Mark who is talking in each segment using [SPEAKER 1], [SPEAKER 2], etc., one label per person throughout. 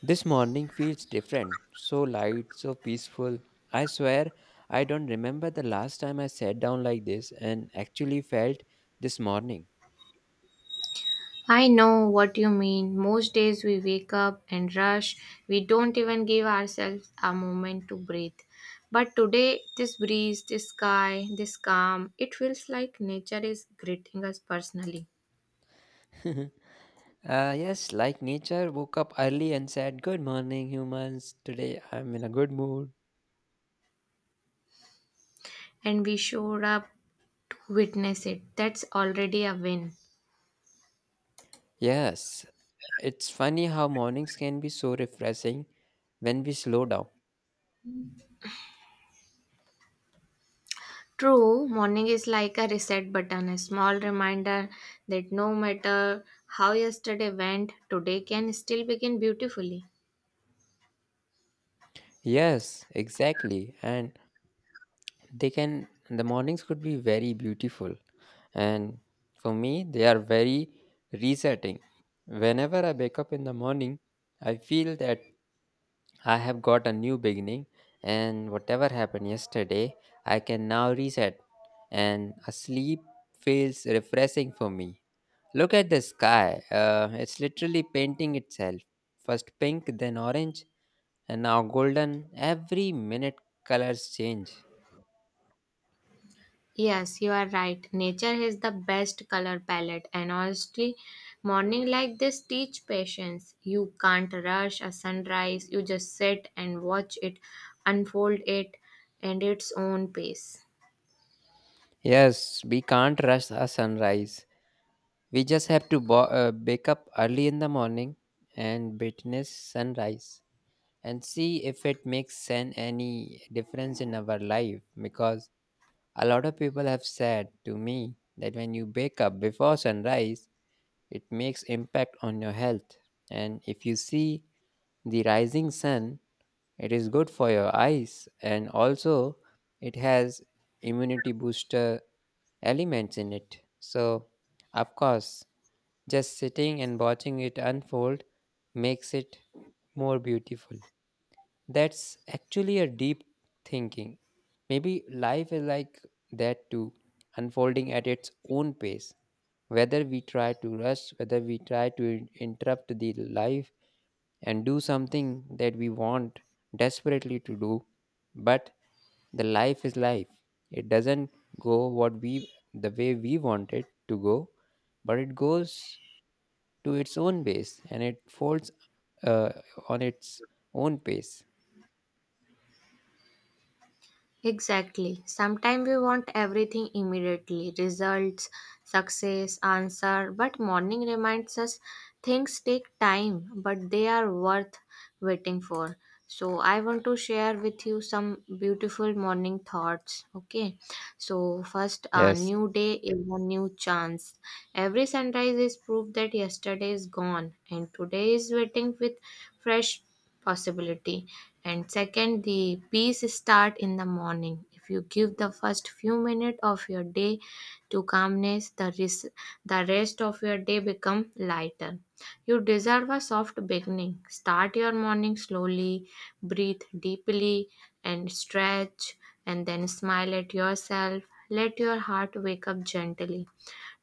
[SPEAKER 1] This morning feels different, so light, so peaceful. I swear I don't remember the last time I sat down like this and actually felt this morning.
[SPEAKER 2] I know what you mean. Most days we wake up and rush. We don't even give ourselves a moment to breathe. But today, this breeze, this sky, this calm, it feels like nature is greeting us personally.
[SPEAKER 1] Yes, like nature woke up early and said, Good morning, humans. Today I'm in a good mood.
[SPEAKER 2] And we showed up to witness it. That's already a win.
[SPEAKER 1] Yes, it's funny how mornings can be so refreshing when we slow down.
[SPEAKER 2] True, morning is like a reset button, a small reminder that no matter how yesterday went, today can still begin beautifully.
[SPEAKER 1] Yes, exactly. And they can, the mornings could be very beautiful. And for me, they are very resetting. Whenever I wake up in the morning, I feel that I have got a new beginning, and whatever happened yesterday, I can now reset, and a sleep feels refreshing for me. Look at the sky, it's literally painting itself. First pink, then orange, and now golden. Every minute, colors change.
[SPEAKER 2] Yes, you are right. Nature has the best color palette, and honestly, morning like this teach patience. You can't rush a sunrise. You just sit and watch it unfold it and its own pace.
[SPEAKER 1] Yes, we can't rush a sunrise. We just have to wake up early in the morning and witness sunrise. And see if it makes any difference in our life, because a lot of people have said to me that when you wake up before sunrise, it makes impact on your health, and if you see the rising sun, it is good for your eyes, and also it has immunity booster elements in it. So of course, just sitting and watching it unfold makes it more beautiful. That's actually a deep thinking. Maybe life is like that too, unfolding at its own pace. Whether we try to rush, whether we try to interrupt the life and do something that we want desperately to do, but the life is life. It doesn't go what we, the way we want it to go, but it goes to its own pace, and it folds uh, on its own pace.
[SPEAKER 2] Exactly. Sometimes we want everything immediately results, success, answer. But morning reminds us things take time, but they are worth waiting for. So, I want to share with you some beautiful morning thoughts. Okay. So, first, a
[SPEAKER 1] Yes.
[SPEAKER 2] new day is a new chance. Every sunrise is proof that yesterday is gone, and today is waiting with fresh possibility, and second, the peace start in the morning. If you give the first few minutes of your day to calmness, the rest of your day become lighter. You deserve a soft beginning. Start your morning slowly, breathe deeply, and stretch, and then smile at yourself. Let your heart wake up gently.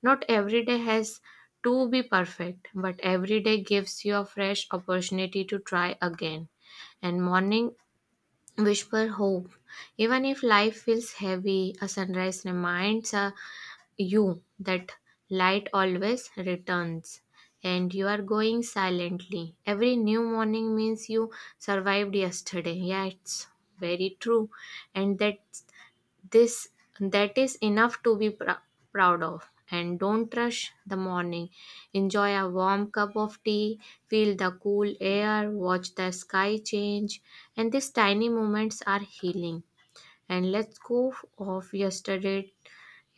[SPEAKER 2] Not every day has to be perfect, but every day gives you a fresh opportunity to try again. And morning whisper hope. Even if life feels heavy, a sunrise reminds you that light always returns. And you are going silently. Every new morning means you survived yesterday. Yeah, it's very true. And this that is enough to be proud of. And don't rush the morning. Enjoy a warm cup of tea, feel the cool air, watch the sky change, and these tiny moments are healing. And let's go off yesterday,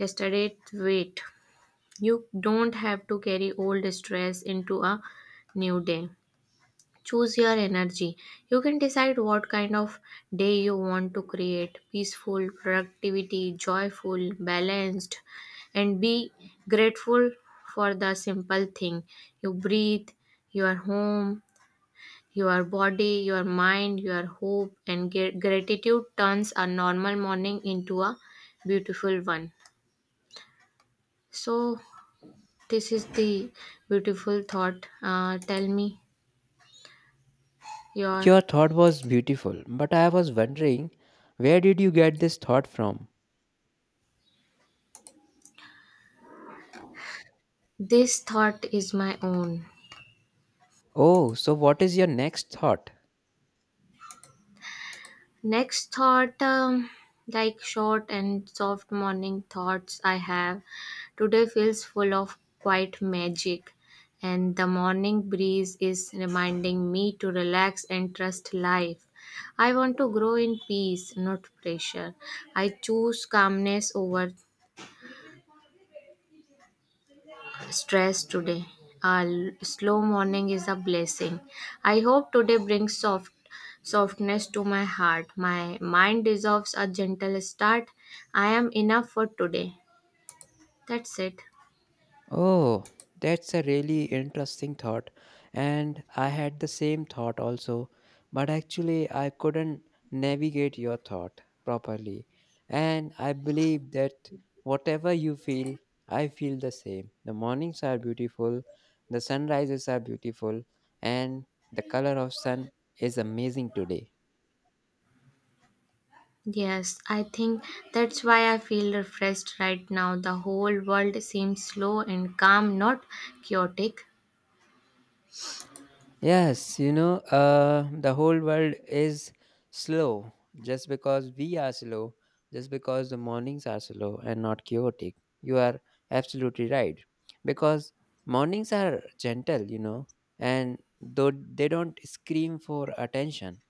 [SPEAKER 2] yesterday weight. You don't have to carry old stress into a new day. Choose your energy. You can decide what kind of day you want to create: peaceful, productivity, joyful, balanced. And be grateful for the simple thing. You breathe, your home, your body, your mind, your hope, and gratitude turns a normal morning into a beautiful one. So, this is the beautiful thought. Tell me your—
[SPEAKER 1] Your thought was beautiful, but I was wondering, where did you get this thought from?
[SPEAKER 2] this thought is my own.
[SPEAKER 1] Oh, so what is your next thought?
[SPEAKER 2] Next thought, like short and soft morning thoughts I have. Today feels full of quiet magic, and the morning breeze is reminding me to relax and trust life. I want to grow in peace, not pressure. I choose calmness over stress today. A slow morning is a blessing. I hope today brings softness to my heart. My mind deserves a gentle start. I am enough for today. That's it.
[SPEAKER 1] Oh, that's a really interesting thought. And I had the same thought also, but actually, I couldn't navigate your thought properly. And I believe that whatever you feel, I feel the same. The mornings are beautiful, the sunrises are beautiful, and the color of sun is amazing today.
[SPEAKER 2] Yes, I think that's why I feel refreshed right now. The whole world seems slow and calm, not chaotic.
[SPEAKER 1] Yes, you know, the whole world is slow just because we are slow, just because the mornings are slow and not chaotic. You are absolutely right. Because mornings are gentle, you know, and though they don't scream for attention.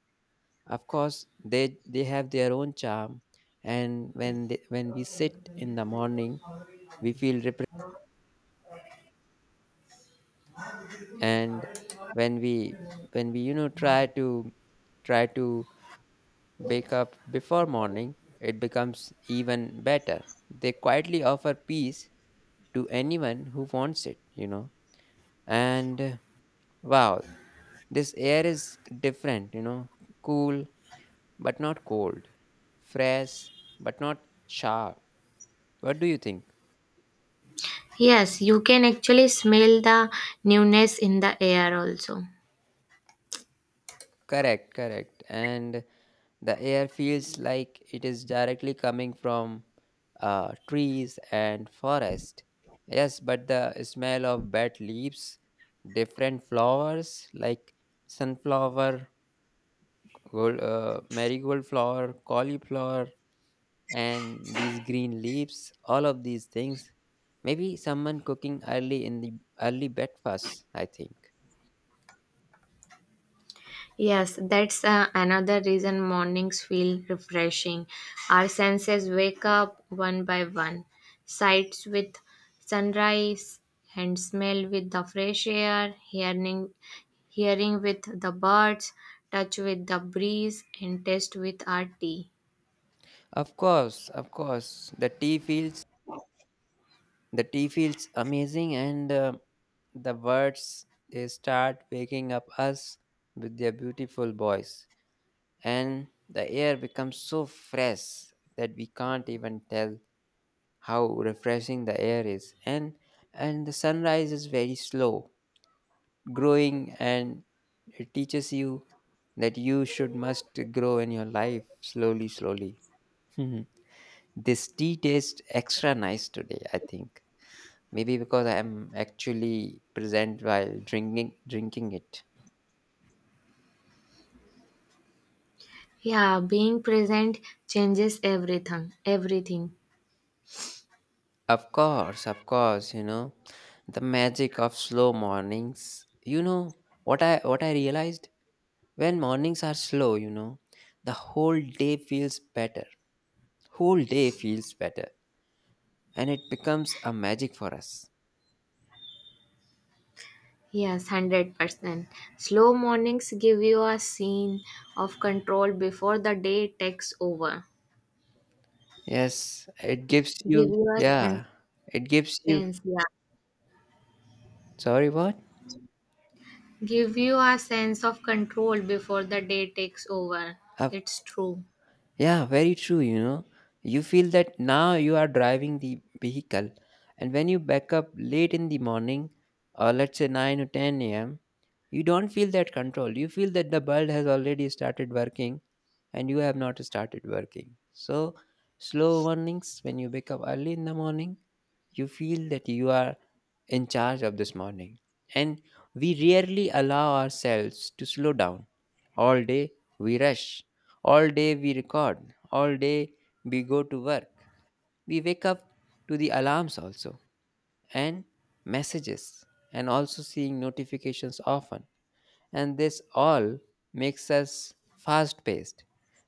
[SPEAKER 1] Of course, they have their own charm. And when they, when we sit in the morning, we feel repressed. And when we, when we, you know, try to bake up before morning, it becomes even better. They quietly offer peace to anyone who wants it, you know. And wow, this air is different, you know, cool but not cold, fresh but not sharp. What do you think?
[SPEAKER 2] Yes, you can actually smell the newness in the air also.
[SPEAKER 1] Correct, correct. And the air feels like it is directly coming from trees and forest. Yes, but the smell of bad leaves, different flowers like sunflower, gold, marigold flower, cauliflower, and these green leaves, all of these things. Maybe someone cooking early in the early breakfast, I think.
[SPEAKER 2] Yes, that's another reason mornings feel refreshing. Our senses wake up one by one. Sights with sunrise, and smell with the fresh air, hearing with the birds, touch with the breeze, and taste with our tea.
[SPEAKER 1] Of course, of course. The tea feels the tea feels amazing, and the birds, they start waking up us with their beautiful voice, and the air becomes so fresh that we can't even tell how refreshing the air is. And the sunrise is very slow, growing, and it teaches you that you should must grow in your life slowly, slowly. This tea tastes extra nice today, I think. Maybe because I am actually present while drinking it.
[SPEAKER 2] Yeah, being present changes everything. Everything.
[SPEAKER 1] Of course, you know, the magic of slow mornings. You know what I realized, when mornings are slow, you know, the whole day feels better. Whole day feels better, and it becomes a magic for us.
[SPEAKER 2] Yes, 100%. Slow mornings give you a scene of control before the day takes over.
[SPEAKER 1] Yes, it gives
[SPEAKER 2] Give
[SPEAKER 1] you,
[SPEAKER 2] you a sense,
[SPEAKER 1] yeah, it gives you,
[SPEAKER 2] sense, yeah,
[SPEAKER 1] sorry what?
[SPEAKER 2] give you a sense of control before the day takes over.
[SPEAKER 1] Of
[SPEAKER 2] It's true.
[SPEAKER 1] yeah, very true, you know. You feel that now you are driving the vehicle, and when you back up late in the morning, or let's say 9 or 10 a.m., you don't feel that control. You feel that the world has already started working and you have not started working. So, slow mornings, when you wake up early in the morning, you feel that you are in charge of this morning. And we rarely allow ourselves to slow down. All day we rush, all day we record, all day we go to work. We wake up to the alarms also, and messages, and also seeing notifications often, and this all makes us fast paced,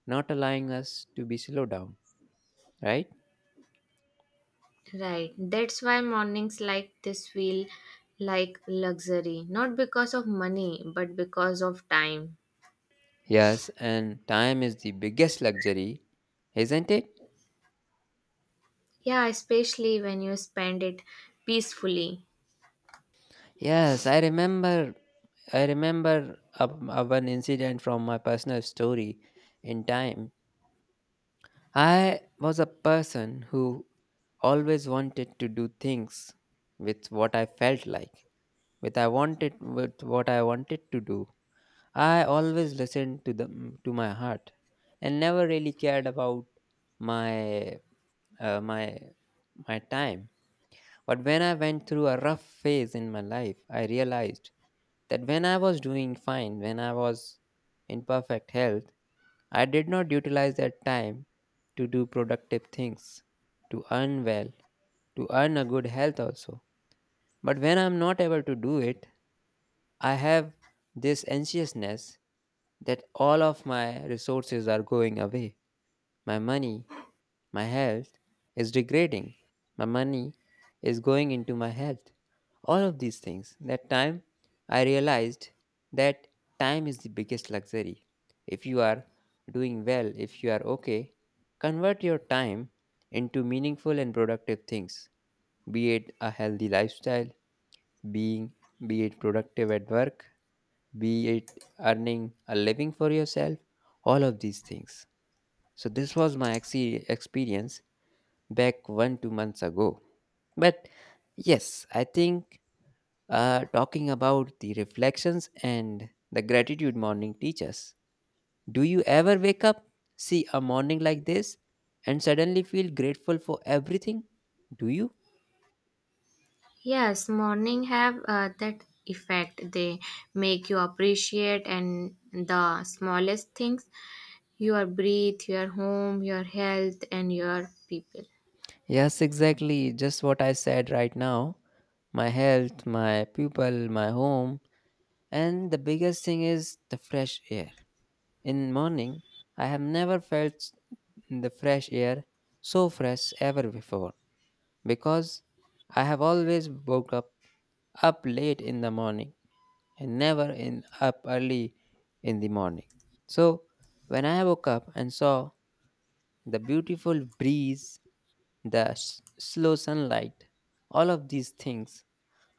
[SPEAKER 1] not allowing us to be slow down, right?
[SPEAKER 2] Right, that's why mornings like this feel like luxury, not because of money but because of time.
[SPEAKER 1] Yes, and time is the biggest luxury, isn't it?
[SPEAKER 2] Yeah, especially when you spend it peacefully.
[SPEAKER 1] Yes, I remember a one incident from my personal story in time. I was a person who always wanted to do things with what I felt like, with what I wanted to do. I always listened to my heart and never really cared about my uh, my my time. But when I went through a rough phase in my life, I realized that when I was doing fine, when I was in perfect health, I did not utilize that time to do productive things, to earn well, to earn a good health also. But when I'm not able to do it, I have this anxiousness that all of my resources are going away. My money, my health is degrading. My money is going into my health. All of these things. That time I realized that time is the biggest luxury. If you are doing well, if you are okay, convert your time into meaningful and productive things, be it a healthy lifestyle, being be it productive at work, be it earning a living for yourself, all of these things. So this was my experience back 1 2 months ago. But yes, I think, talking about the reflections and the gratitude morning teachers, do you ever wake up, see a morning like this, and suddenly feel grateful for everything, do you?
[SPEAKER 2] Yes, morning have that effect. They make you appreciate and the smallest things: your breath, your home, your health, and your people.
[SPEAKER 1] Yes, exactly. Just what I said right now. My health, my people, my home, and the biggest thing is the fresh air. In morning, I have never felt the fresh air so fresh ever before, because I have always woke up late in the morning and never in up early in the morning. So when I woke up and saw the beautiful breeze, the slow sunlight, all of these things,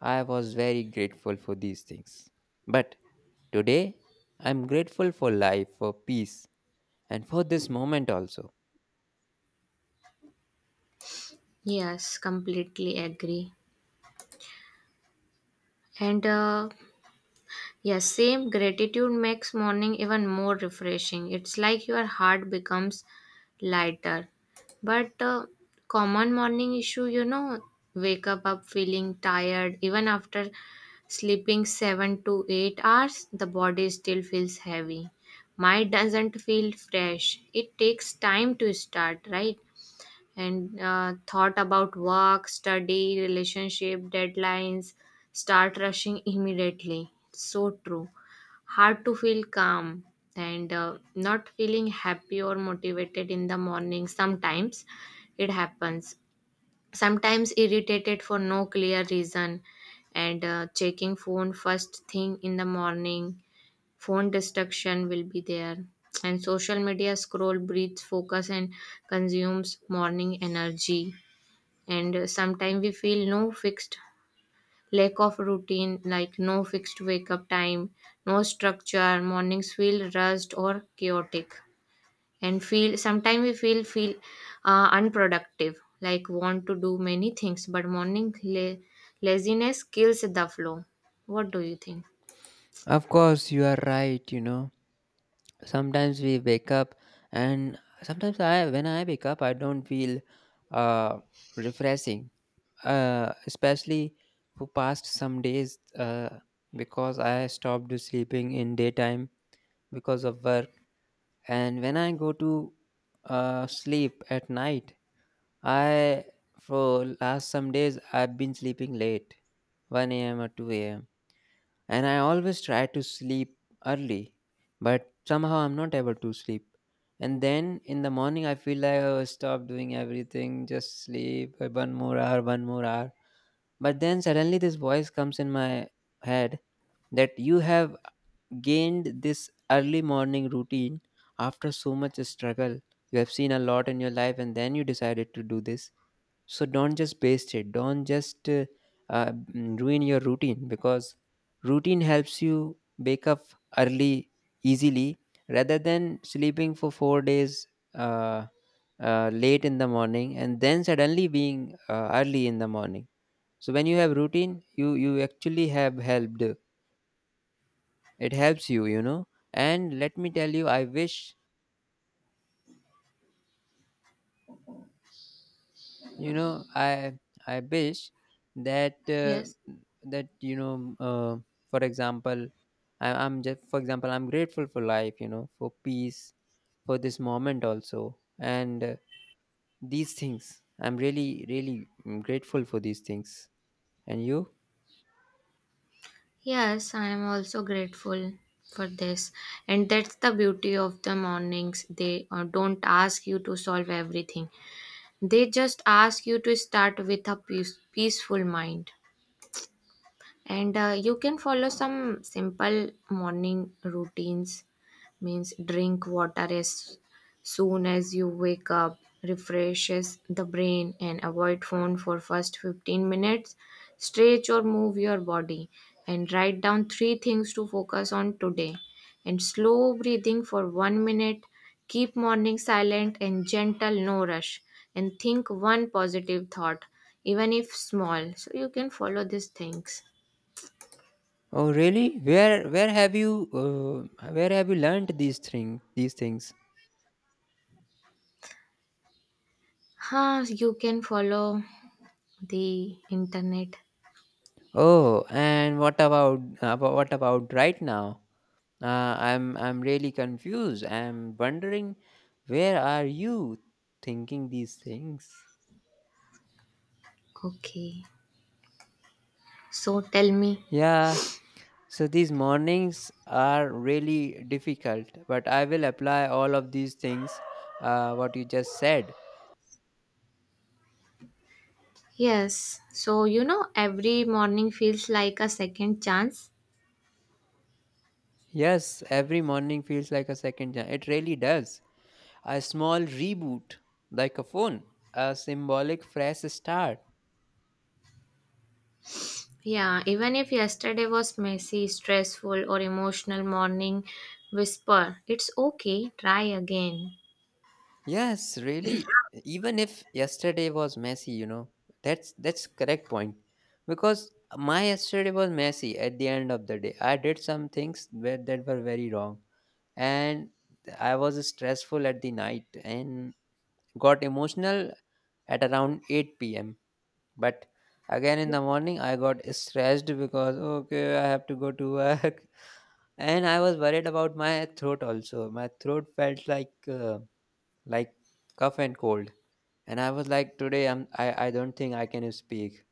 [SPEAKER 1] I was very grateful for these things. But today, I'm grateful for life, for peace, and for this moment also.
[SPEAKER 2] Yes, completely agree. And yes, same gratitude makes morning even more refreshing. It's like your heart becomes lighter. But common morning issue, you know, wake up feeling tired even after sleeping 7 to 8 hours, the body still feels heavy. Mind doesn't feel fresh. It takes time to start, right? And thought about work, study, relationship, deadlines, start rushing immediately. So true. Hard to feel calm, and not feeling happy or motivated in the morning. Sometimes it happens. Sometimes irritated for no clear reason, and checking phone first thing in the morning. Phone distraction will be there. And social media scroll breathes focus and consumes morning energy, and sometimes we feel no fixed lack of routine, like no fixed wake up time, no structure. Mornings feel rushed or chaotic, and feel sometimes we feel unproductive, like want to do many things, but morning laziness kills the flow. What do you think?
[SPEAKER 1] Of course, you are right, you know. Sometimes we wake up, and sometimes I, when I wake up, I don't feel uh, refreshing, especially for past some days, because I stopped sleeping in daytime because of work. And when I go to sleep at night, I, for last some days, I've been sleeping late, 1 a.m. or 2 a.m., and I always try to sleep early, but somehow I'm not able to sleep. And then in the morning I feel like, oh stop doing everything, just sleep, one more hour, one more hour. But then suddenly this voice comes in my head that you have gained this early morning routine after so much struggle. You have seen a lot in your life and then you decided to do this. So don't just waste it. Don't just ruin your routine, because routine helps you wake up early easily, rather than sleeping for four days uh, late in the morning and then suddenly being early in the morning. So when you have routine, you actually have helped, it helps you, you know. And let me tell you, I wish, you know, I I wish that,
[SPEAKER 2] Yes.
[SPEAKER 1] that, you know, for example, I'm just, for example, I'm grateful for life, you know, for peace, for this moment also, and these things I'm really really, grateful for these things, and you,
[SPEAKER 2] Yes, I am also grateful for this. And that's the beauty of the mornings. They don't ask you to solve everything. They just ask you to start with a peaceful mind, and you can follow some simple morning routines means drink water as soon as you wake up, refreshes the brain, and avoid phone for first 15 minutes, stretch or move your body, and write down three things to focus on today, and slow breathing for 1 minute, keep morning silent and gentle, no rush, and think one positive thought even if small, so you can follow these things.
[SPEAKER 1] oh really, where have you, where have you learned these things?
[SPEAKER 2] Huh, you can follow the internet.
[SPEAKER 1] Oh, and what about what about right now? I'm really confused. I'm wondering, where are you thinking these things?
[SPEAKER 2] Okay. So tell me.
[SPEAKER 1] Yeah. So these mornings are really difficult, but I will apply all of these things, what you just said.
[SPEAKER 2] Yes. So you know, every morning feels like a second chance.
[SPEAKER 1] Yes, every morning feels like a second chance. It really does. A small reboot, like a phone, a symbolic fresh start.
[SPEAKER 2] Yeah, even if yesterday was messy, stressful or emotional, morning whisper, it's okay, try again.
[SPEAKER 1] Yes, really. Even if yesterday was messy, you know, that's correct point. Because my yesterday was messy at the end of the day. I did some things where that were very wrong, and I was stressful at the night and got emotional at around 8 p.m. But again in the morning, I got stressed because okay, I have to go to work, and I was worried about my throat also. My throat felt like. Like cough and cold. And I was like, today I don't think I can speak.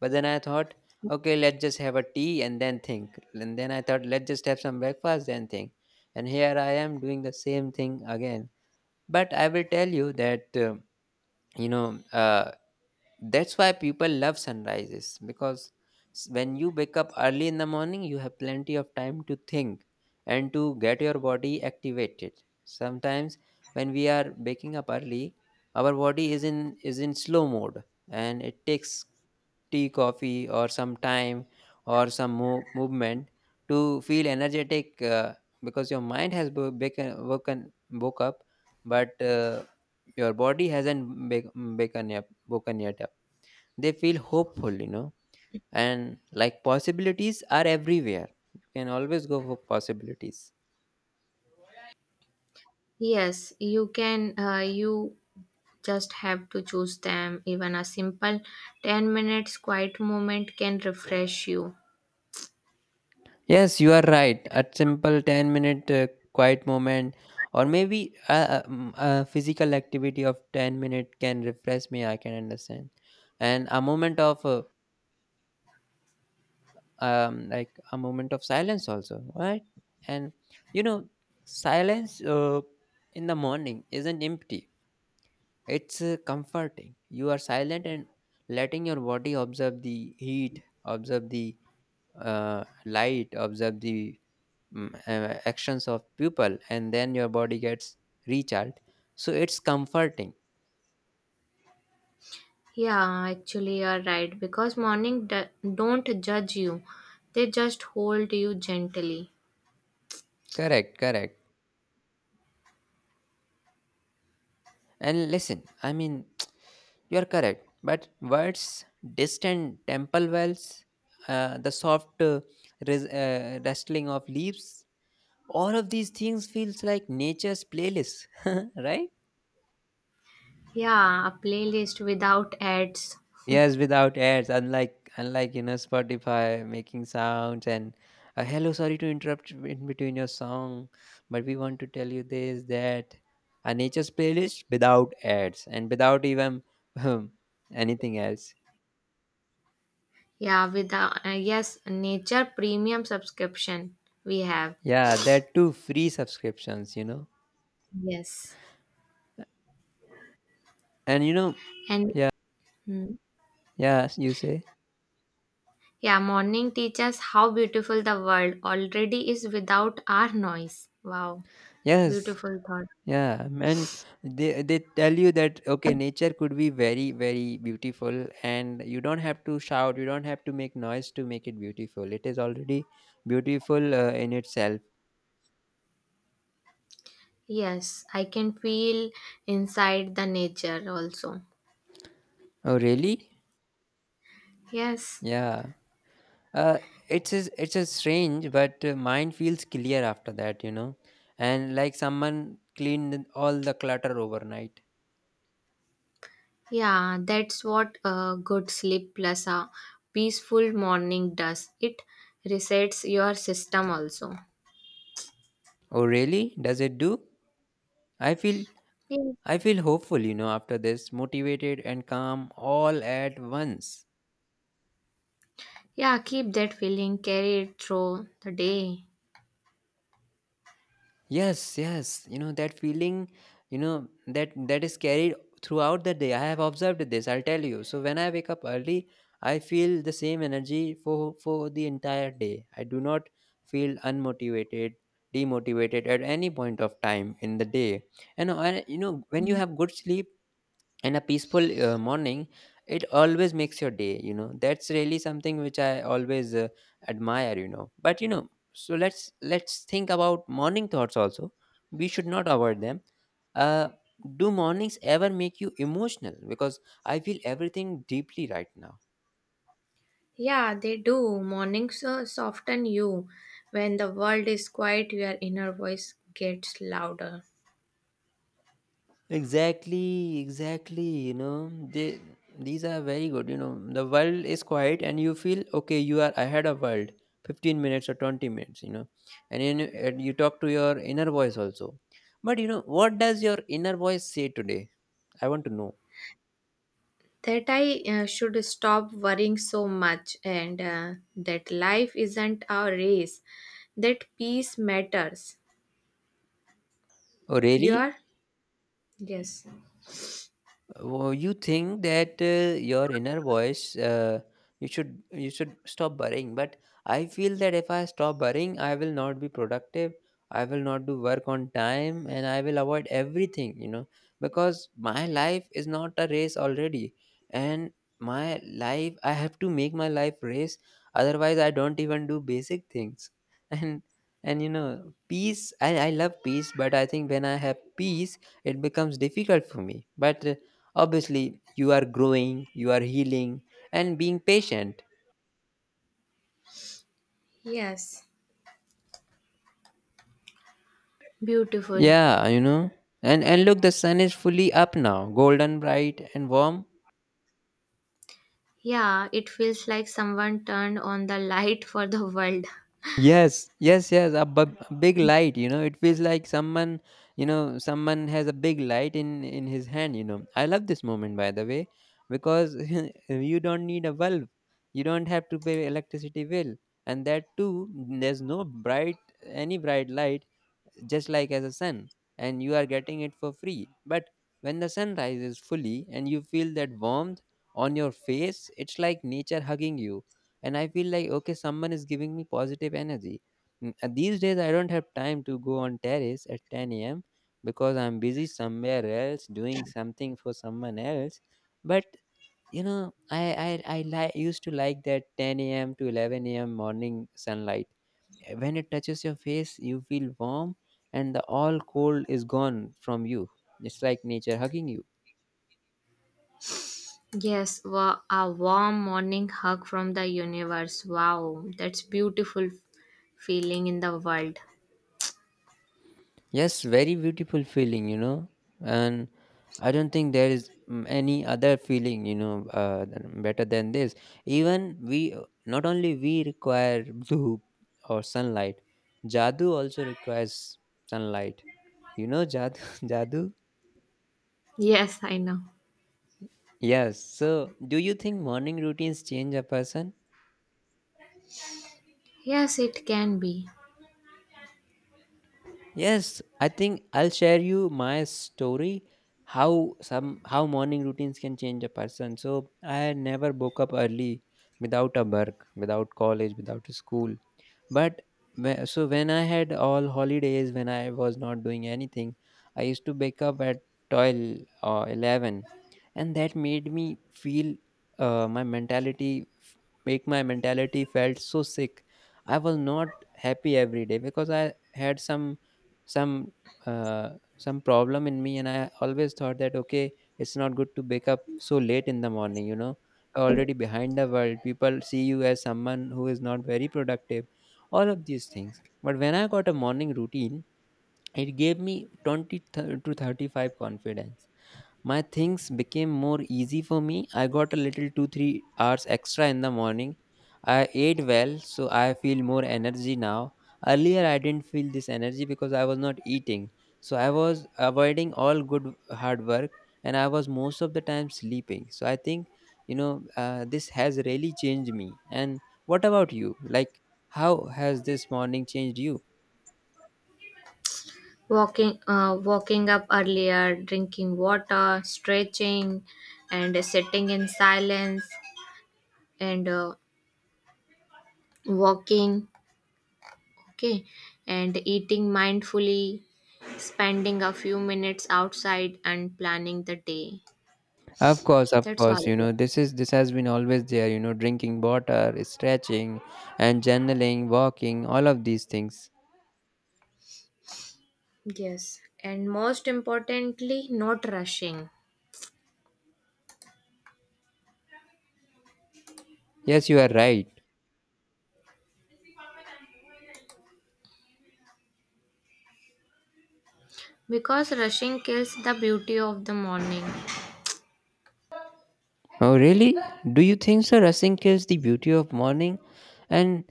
[SPEAKER 1] But then I thought, okay, let's just have a tea and then think. And then I thought, let's just have some breakfast and think. And here I am doing the same thing again. But I will tell you that you know uh, that's why people love sunrises because when you wake up early in the morning, you have plenty of time to think and to get your body activated. Sometimes when we are waking up early, our body is in slow mode, and it takes tea, coffee, or some time or movement to feel energetic, because your mind has woke up, but, your body hasn't woken yet. Woken yet up, they feel hopeful, and like possibilities are everywhere. You can always go for possibilities.
[SPEAKER 2] Yes, you can you just have to choose them. Even a simple 10 minutes quiet moment can refresh you.
[SPEAKER 1] Yes, you are right, a simple 10 minute quiet moment, or maybe physical activity of 10 minutes can refresh me. I can understand. And a moment of, like a moment of silence also, right? And you know silence, in the morning isn't empty. It's, comforting. You are silent and letting your body observe the heat, observe the, light, observe the, actions of people, and then your body gets recharged. So it's comforting.
[SPEAKER 2] Yeah, actually, you're right. Because morning don't judge you, they just hold you gently.
[SPEAKER 1] Correct, correct. And listen, I mean, you are correct. But words, distant temple bells, the soft rustling of leaves, all of these things feels like nature's playlist, right?
[SPEAKER 2] Yeah, a playlist without ads.
[SPEAKER 1] Yes, without ads, unlike unlike Spotify making sounds and, hello, sorry to interrupt you in between your song, but we want to tell you this that a nature's playlist without ads and without even anything else.
[SPEAKER 2] Yeah, without, yes, nature premium subscription we have.
[SPEAKER 1] Yeah, there are two free subscriptions,
[SPEAKER 2] Yes.
[SPEAKER 1] and you know,
[SPEAKER 2] And
[SPEAKER 1] yeah,
[SPEAKER 2] hmm,
[SPEAKER 1] yeah, you say
[SPEAKER 2] yeah, morning teaches how beautiful the world already is without our noise. Wow,
[SPEAKER 1] yes.
[SPEAKER 2] beautiful thought.
[SPEAKER 1] Yeah, and they tell you that okay, nature could be very very beautiful, and you don't have to shout, you don't have to make noise to make it beautiful. It is already beautiful, in itself.
[SPEAKER 2] Yes, I can feel inside the nature also.
[SPEAKER 1] Oh, really?
[SPEAKER 2] Yes.
[SPEAKER 1] Yeah. Uh, it's a strange, but, mind feels clear after that, and like someone cleaned all the clutter overnight.
[SPEAKER 2] Yeah, that's what a good sleep plus a peaceful morning does. It resets your system also.
[SPEAKER 1] Oh, really? Does it do? I feel
[SPEAKER 2] Yeah.
[SPEAKER 1] I feel hopeful, after this, motivated and calm all at once.
[SPEAKER 2] Yeah, keep that feeling, carry it through the day.
[SPEAKER 1] Yes, yes. You know that feeling, that that is carried throughout the day. I have observed this, I'll tell you. So when I wake up early, I feel the same energy for the entire day. I do not feel unmotivated, demotivated at any point of time in the day. And I, when you have good sleep and a peaceful morning, it always makes your day. That's really something which I always, admire. But so let's think about morning thoughts also. We should not avoid them uh do mornings ever make you emotional? Because I feel everything deeply right now.
[SPEAKER 2] Yeah, they do. Mornings soften you. When the world is quiet, your inner voice gets louder.
[SPEAKER 1] Exactly, exactly. You know, they these are very good. You know, the world is quiet, and you feel okay. You are ahead of world. 15 minutes or 20 minutes. You know, and then you- and you talk to your inner voice also. But you know, what does your inner voice say today? I want to know.
[SPEAKER 2] That I should stop worrying so much, and that life isn't a race, that peace matters.
[SPEAKER 1] Oh,
[SPEAKER 2] You
[SPEAKER 1] really?
[SPEAKER 2] are? Yes.
[SPEAKER 1] Well, you think that, your inner voice, you should stop worrying. But I feel that if I stop worrying, I will not be productive. I will not do work on time, and I will avoid everything. You know, because my life is not a race already, and my life I have to make my life race. Otherwise, I don't even do basic things. And and peace. I love peace, but I think when I have peace, it becomes difficult for me. But obviously, you are growing, you are healing, and being patient.
[SPEAKER 2] Yes, beautiful.
[SPEAKER 1] Yeah, you know. And look, the sun is fully up now, golden bright and warm.
[SPEAKER 2] Yeah, it feels like someone turned on the light for the world.
[SPEAKER 1] Yes, yes, yes. A a big light. You know, it feels like someone, someone has a big light in his hand. You know, I love this moment, by the way, because you don't need a bulb, you don't have to pay electricity bill, and that too, there's no bright any bright light, just like as a sun, and you are getting it for free. But when the sun rises fully and you feel that warmth on your face, it's like nature hugging you, and I feel like, okay, someone is giving me positive energy. These days I don't have time to go on terrace at 10 a.m. because I'm busy somewhere else doing something for someone else. But you know, I I I used to like that 10 a.m. to 11 a.m. morning sunlight. When it touches your face, you feel warm, and the all cold is gone from you. It's like nature hugging you.
[SPEAKER 2] Yes, a warm morning hug from the universe. Wow, that's beautiful feeling in the world.
[SPEAKER 1] Yes, very beautiful feeling, and I don't think there is, any other feeling, better than this. Even we, not only we require blue or sunlight, Jadoo also requires sunlight. You know, Jadoo, Jadoo.
[SPEAKER 2] Yes, I know.
[SPEAKER 1] Yes. So, do you think morning routines change a person?
[SPEAKER 2] Yes, it can be.
[SPEAKER 1] Yes, I think I'll share you my story, how morning routines can change a person. So, I never woke up early without a work, without college, without school. But so when I had all holidays, when I was not doing anything, I used to wake up at 12 or 11, and that made me feel, my mentality, make my mentality felt so sick. I was not happy every day because I had some uh, some problem in me, and I always thought that okay, it's not good to wake up so late in the morning. You know, already behind the world, people see you as someone who is not very productive, all of these things. But when I got a morning routine, it gave me 20 to 35 confidence. My things became more easy for me. I got a little 2 3 hours extra in the morning. I ate well, so I feel more energy now. Earlier, I didn't feel this energy because I was not eating. So I was avoiding all good hard work, and I was most of the time sleeping. So I think, this has really changed me. And what about you? Like, how has this morning changed you?
[SPEAKER 2] Walking up earlier, drinking water, stretching, and sitting in silence, and walking, okay, and eating mindfully, spending a few minutes outside, and planning the day.
[SPEAKER 1] Of
[SPEAKER 2] That's
[SPEAKER 1] course,
[SPEAKER 2] all.
[SPEAKER 1] this has been always there, drinking water, stretching and journaling, walking, all of these things.
[SPEAKER 2] Yes, and most importantly, not rushing.
[SPEAKER 1] Yes, you are right.
[SPEAKER 2] Because rushing kills the beauty of the morning.
[SPEAKER 1] Oh, really? Do you think so? Rushing kills the beauty of morning? And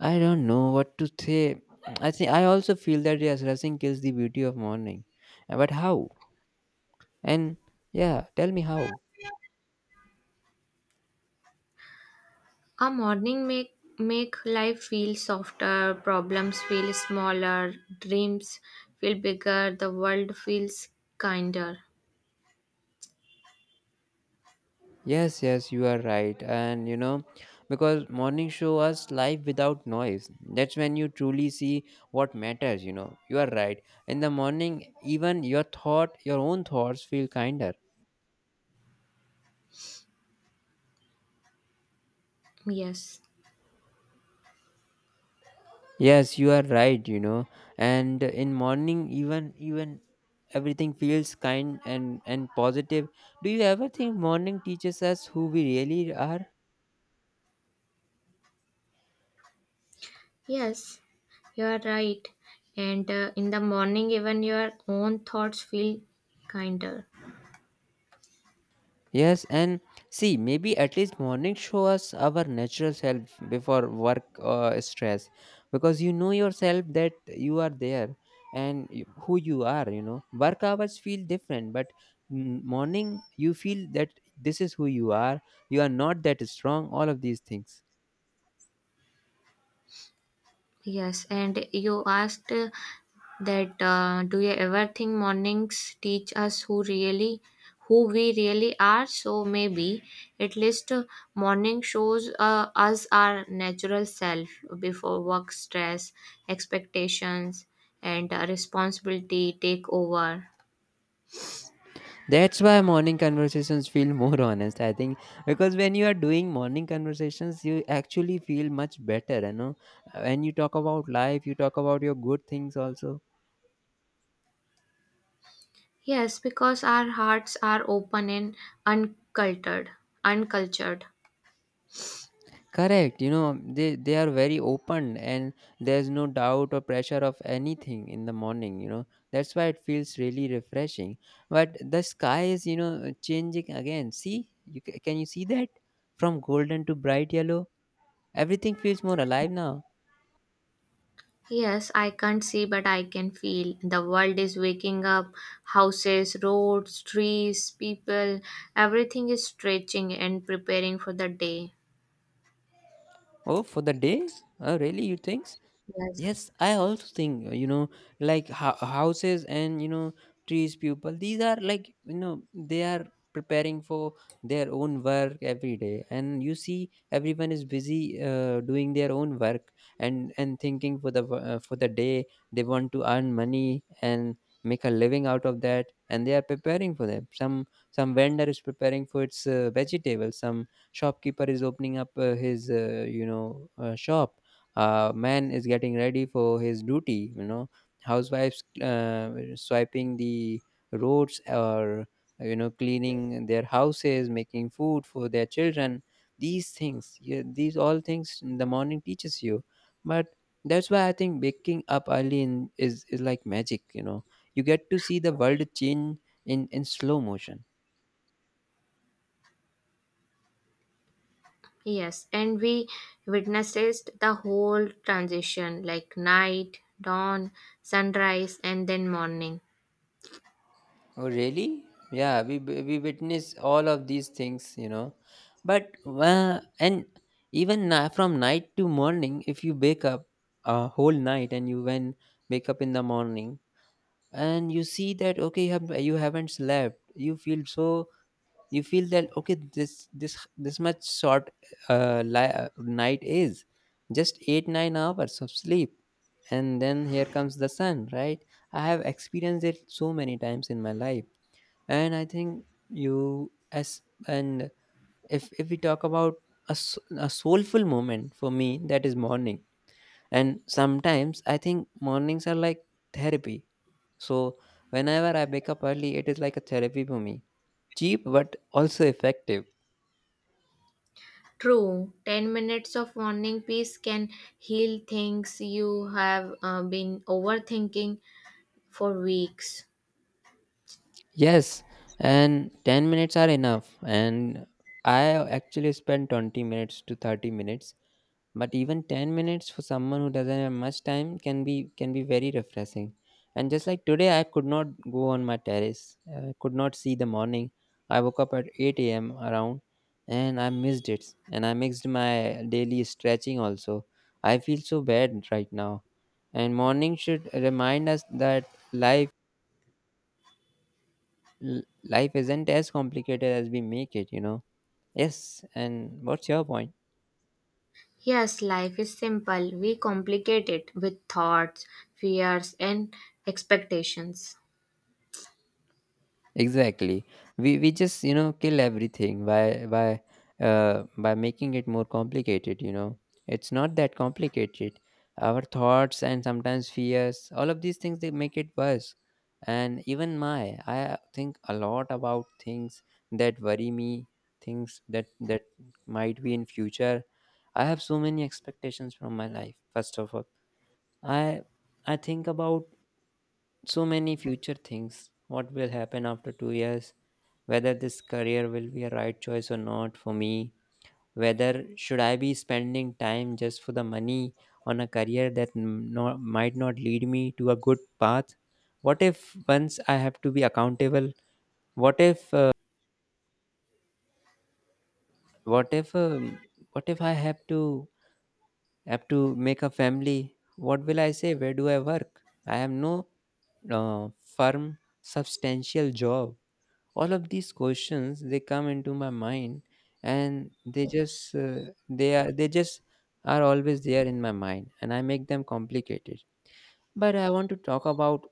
[SPEAKER 1] I don't know what to say. I think I also feel that yes, rushing kills the beauty of morning. But how? And yeah, tell me how.
[SPEAKER 2] A morning make life feel softer, problems feel smaller, dreams feel bigger, the world feels kinder.
[SPEAKER 1] Yes, yes, you are right. And, because morning show us life without noise. That's when you truly see what matters, you know. You are right. In the morning, even your own thoughts feel kinder.
[SPEAKER 2] Yes.
[SPEAKER 1] Yes, you are right, you know. And in morning even everything feels kind and positive. Do you ever think morning teaches us who we really are?
[SPEAKER 2] Yes, you are right. And in the morning, even your own thoughts feel kinder.
[SPEAKER 1] Yes, and see, maybe at least morning show us our natural self before work, stress, because you know yourself that you are there, and who you are. You know, work hours feel different, but morning you feel that this is who you are. You are not that strong. All of these things.
[SPEAKER 2] Yes, and you asked that do you ever think mornings teach us who we really are? So maybe at least morning shows us our natural self before work stress, expectations, and responsibility take over.
[SPEAKER 1] That's why morning conversations feel more honest, I think, because when you are doing morning conversations, you actually feel much better. You know, when you talk about life, you talk about your good things also.
[SPEAKER 2] Yes, because our hearts are open and uncultured. Uncultured.
[SPEAKER 1] Correct, they are very open, and there's no doubt or pressure of anything in the morning, you know. That's why it feels really refreshing. But the sky is, changing again. See? Can you see that? From golden to bright yellow, everything feels more alive now.
[SPEAKER 2] Yes, I can't see, but I can feel. The world is waking up. Houses, roads, trees, people, everything is stretching and preparing for the day.
[SPEAKER 1] Oh, for the day? Oh, really? You think so?
[SPEAKER 2] Yes.
[SPEAKER 1] Yes, I also think, like houses and trees. People, these are like, they are preparing for their own work every day, and you see everyone is busy, doing their own work and thinking for for the day. They want to earn money and make a living out of that, and they are preparing for them. Some vendor is preparing for its, vegetables. Some shopkeeper is opening up his shop. Man is getting ready for his duty. Housewives swiping the roads or cleaning their houses, making food for their children, these things. Yeah, these all things in the morning teaches you. But that's why I think waking up early is like magic. You get to see the world change in slow motion.
[SPEAKER 2] Yes, and we witnessed the whole transition like night, dawn, sunrise, and then morning.
[SPEAKER 1] Oh, really? Yeah, we witness all of these things, you know. But and even from night to morning, if you wake up a whole night and you when wake up in the morning, and you see that okay, you have, you haven't slept, you feel so, you feel that okay, this much short night is just 8 9 hours of sleep, and then here comes the sun, right? I have experienced it so many times in my life, and I think you as and if we talk about a soulful moment for me, that is morning. And sometimes I think mornings are like therapy. So whenever I wake up early, it is like a therapy for me, cheap but also effective.
[SPEAKER 2] True, 10 minutes of morning peace can heal things you have been overthinking for weeks.
[SPEAKER 1] Yes, and 10 minutes are enough, and I actually spend 20 minutes to 30 minutes. But even 10 minutes for someone who doesn't have much time can be very refreshing. And just like today, I could not go on my terrace, I could not see the morning. I woke up at 8 a.m. around, and I missed it, and I missed my daily stretching also. I feel so bad right now. And morning should remind us that life, life isn't as complicated as we make it. Yes, and what's your point?
[SPEAKER 2] Yes, life is simple. We complicate it with thoughts, fears, and expectations.
[SPEAKER 1] Exactly. We just kill everything by making it more complicated. You know, it's not that complicated. Our thoughts and sometimes fears, all of these things, they make it worse. And even my, I think a lot about things that worry me, things that might be in future. I have so many expectations from my life. First of all, I I think about so many future things. What will happen after 2 years? Whether this career will be a right choice or not for me. Whether should I be spending time just for the money on a career that might not lead me to a good path. What if once I have to be accountable? What if what if what if I have to have to make a family? What will I say, where do I work? I have no uh, firm, substantial job. All of these questions, they come into my mind, and they just they are they just are always there in my mind, and I make them complicated. But I want to talk about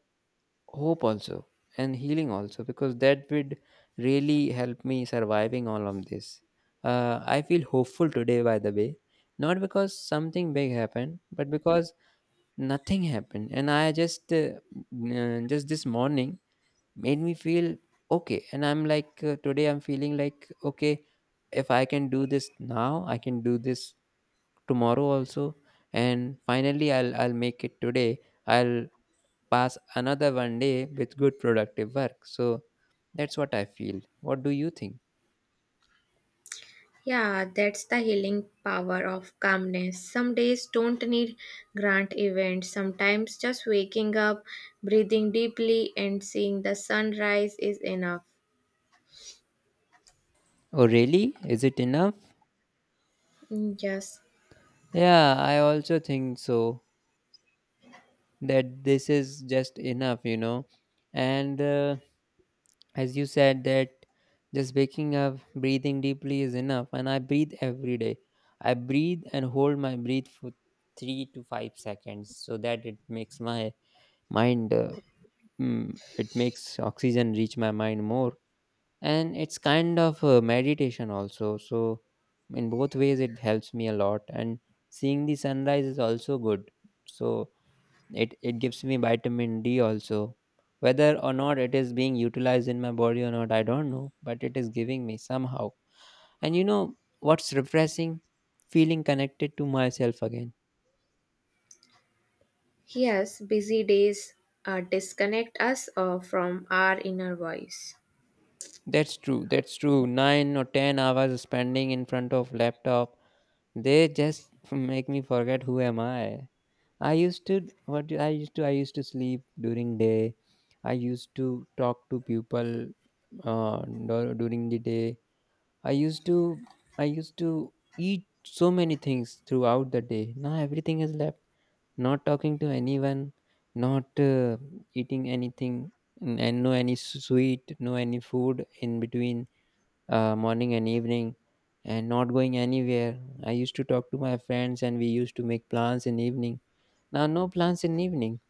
[SPEAKER 1] hope also and healing also, because that would really help me surviving all of this. I feel hopeful today, by the way, not because something big happened, but because nothing happened. And I just just this morning made me feel okay. And I'm like, today I'm feeling like okay, if I can do this now, I can do this tomorrow also. And finally, I'll make it today. I'll pass another one day with good productive work. So that's what I feel, what do you think?
[SPEAKER 2] Yeah, that's the healing power of calmness. Some days don't need grand events. Sometimes just waking up, breathing deeply, and seeing the sunrise is enough.
[SPEAKER 1] Oh really, is it enough?
[SPEAKER 2] Mm, yes.
[SPEAKER 1] Yeah, I also think so, that this is just enough, you know. And As you said that just waking up, breathing deeply is enough. And I breathe every day. I breathe and hold my breath for 3 to 5 seconds, so that it makes my mind it makes oxygen reach my mind more. And it's kind of meditation also. So in both ways it helps me a lot. And seeing the sunrise is also good. So it gives me vitamin D also. Whether or not it is being utilized in my body or not, I don't know, but it is giving me somehow. And you know what's refreshing? Feeling connected to myself again.
[SPEAKER 2] Yes, busy days disconnect us from our inner voice.
[SPEAKER 1] That's true. That's true. 9 or 10 hours spending in front of laptop, they just make me forget who am I. I used to, I used to sleep during day. I used to talk to people during the day. I used to I used to eat so many things throughout the day. Now everything is left. Not talking to anyone, not eating anything, and no any sweet, no any food in between morning and evening, and not going anywhere. I used to talk to my friends, and we used to make plans in evening. Now, no plans in evening,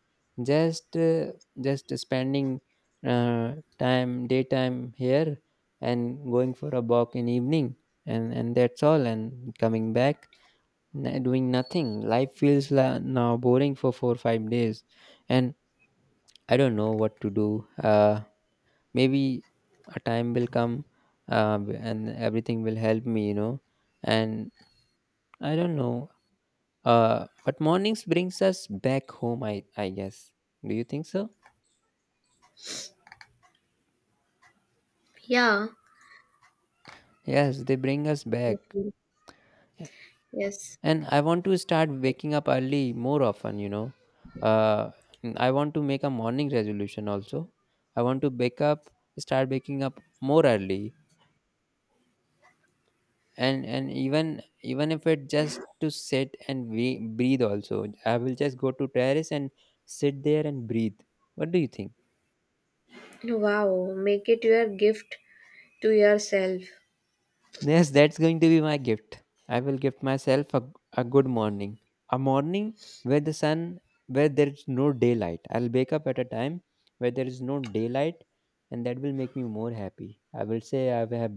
[SPEAKER 1] just uh, just spending time daytime here and going for a walk in evening, and that's all. And coming back, doing nothing. Life feels now boring for four or five days, and I don't know what to do. Maybe a time will come, and everything will help me, you know. And I don't know. But mornings brings us back home, I guess. Do you think so?
[SPEAKER 2] Yeah.
[SPEAKER 1] Yes, they bring us back.
[SPEAKER 2] Okay. Yes.
[SPEAKER 1] And I want to start waking up early more often. You know, uh, I want to make a morning resolution also. I want to wake up, start waking up more early, and even if it just to sit and we breathe also. I will just go to terrace and sit there and breathe. What do you think?
[SPEAKER 2] Wow, make it your gift to yourself.
[SPEAKER 1] Yes, that's going to be my gift. I will gift myself a good morning. A morning where the sun, where there is no daylight. I'll wake up at a time where there is no daylight, and that will make me more happy. I will say I have,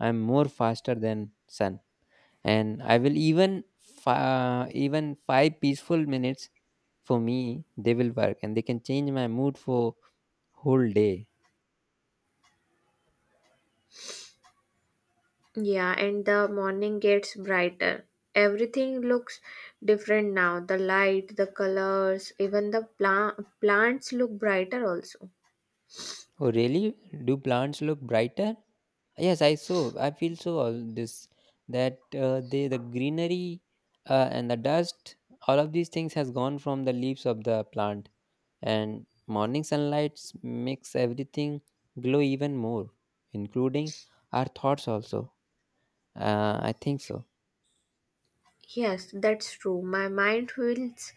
[SPEAKER 1] I'm more faster than sun, and I will even five peaceful minutes for me, they will work, and they can change my mood for whole day.
[SPEAKER 2] Yeah, and the morning gets brighter. Everything looks different now. The light, the colors, even the plants look brighter also.
[SPEAKER 1] Oh, really? Do plants look brighter? Yes, I so I feel so all this that they the greenery and the dust, all of these things has gone from the leaves of the plant, and morning sunlight makes everything glow even more, including our thoughts also. I think so.
[SPEAKER 2] Yes, that's true. My mind feels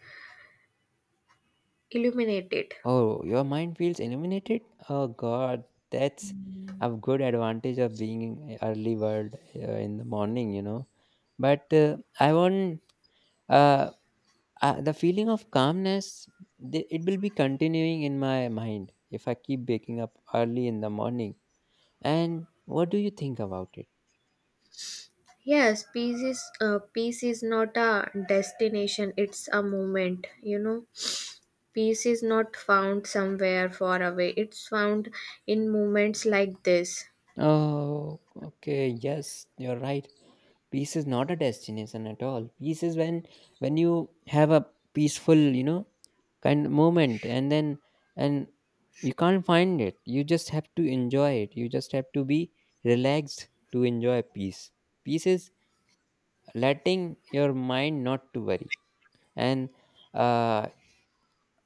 [SPEAKER 2] illuminated.
[SPEAKER 1] Oh, your mind feels illuminated? Oh God, that's a good advantage of being in early bird in the morning, you know. But I want uh, the feeling of calmness. It will be continuing in my mind if I keep waking up early in the morning. And what do you think about it?
[SPEAKER 2] Yes, peace is not a destination; it's a moment. You know, peace is not found somewhere far away. It's found in moments like this.
[SPEAKER 1] Oh, okay, yes, you're right. Peace is not a destination at all. Peace is when you have a peaceful, you know, kind of moment. And then, and you can't find it, you just have to enjoy it. You just have to be relaxed to enjoy peace. Peace is letting your mind not to worry. And uh,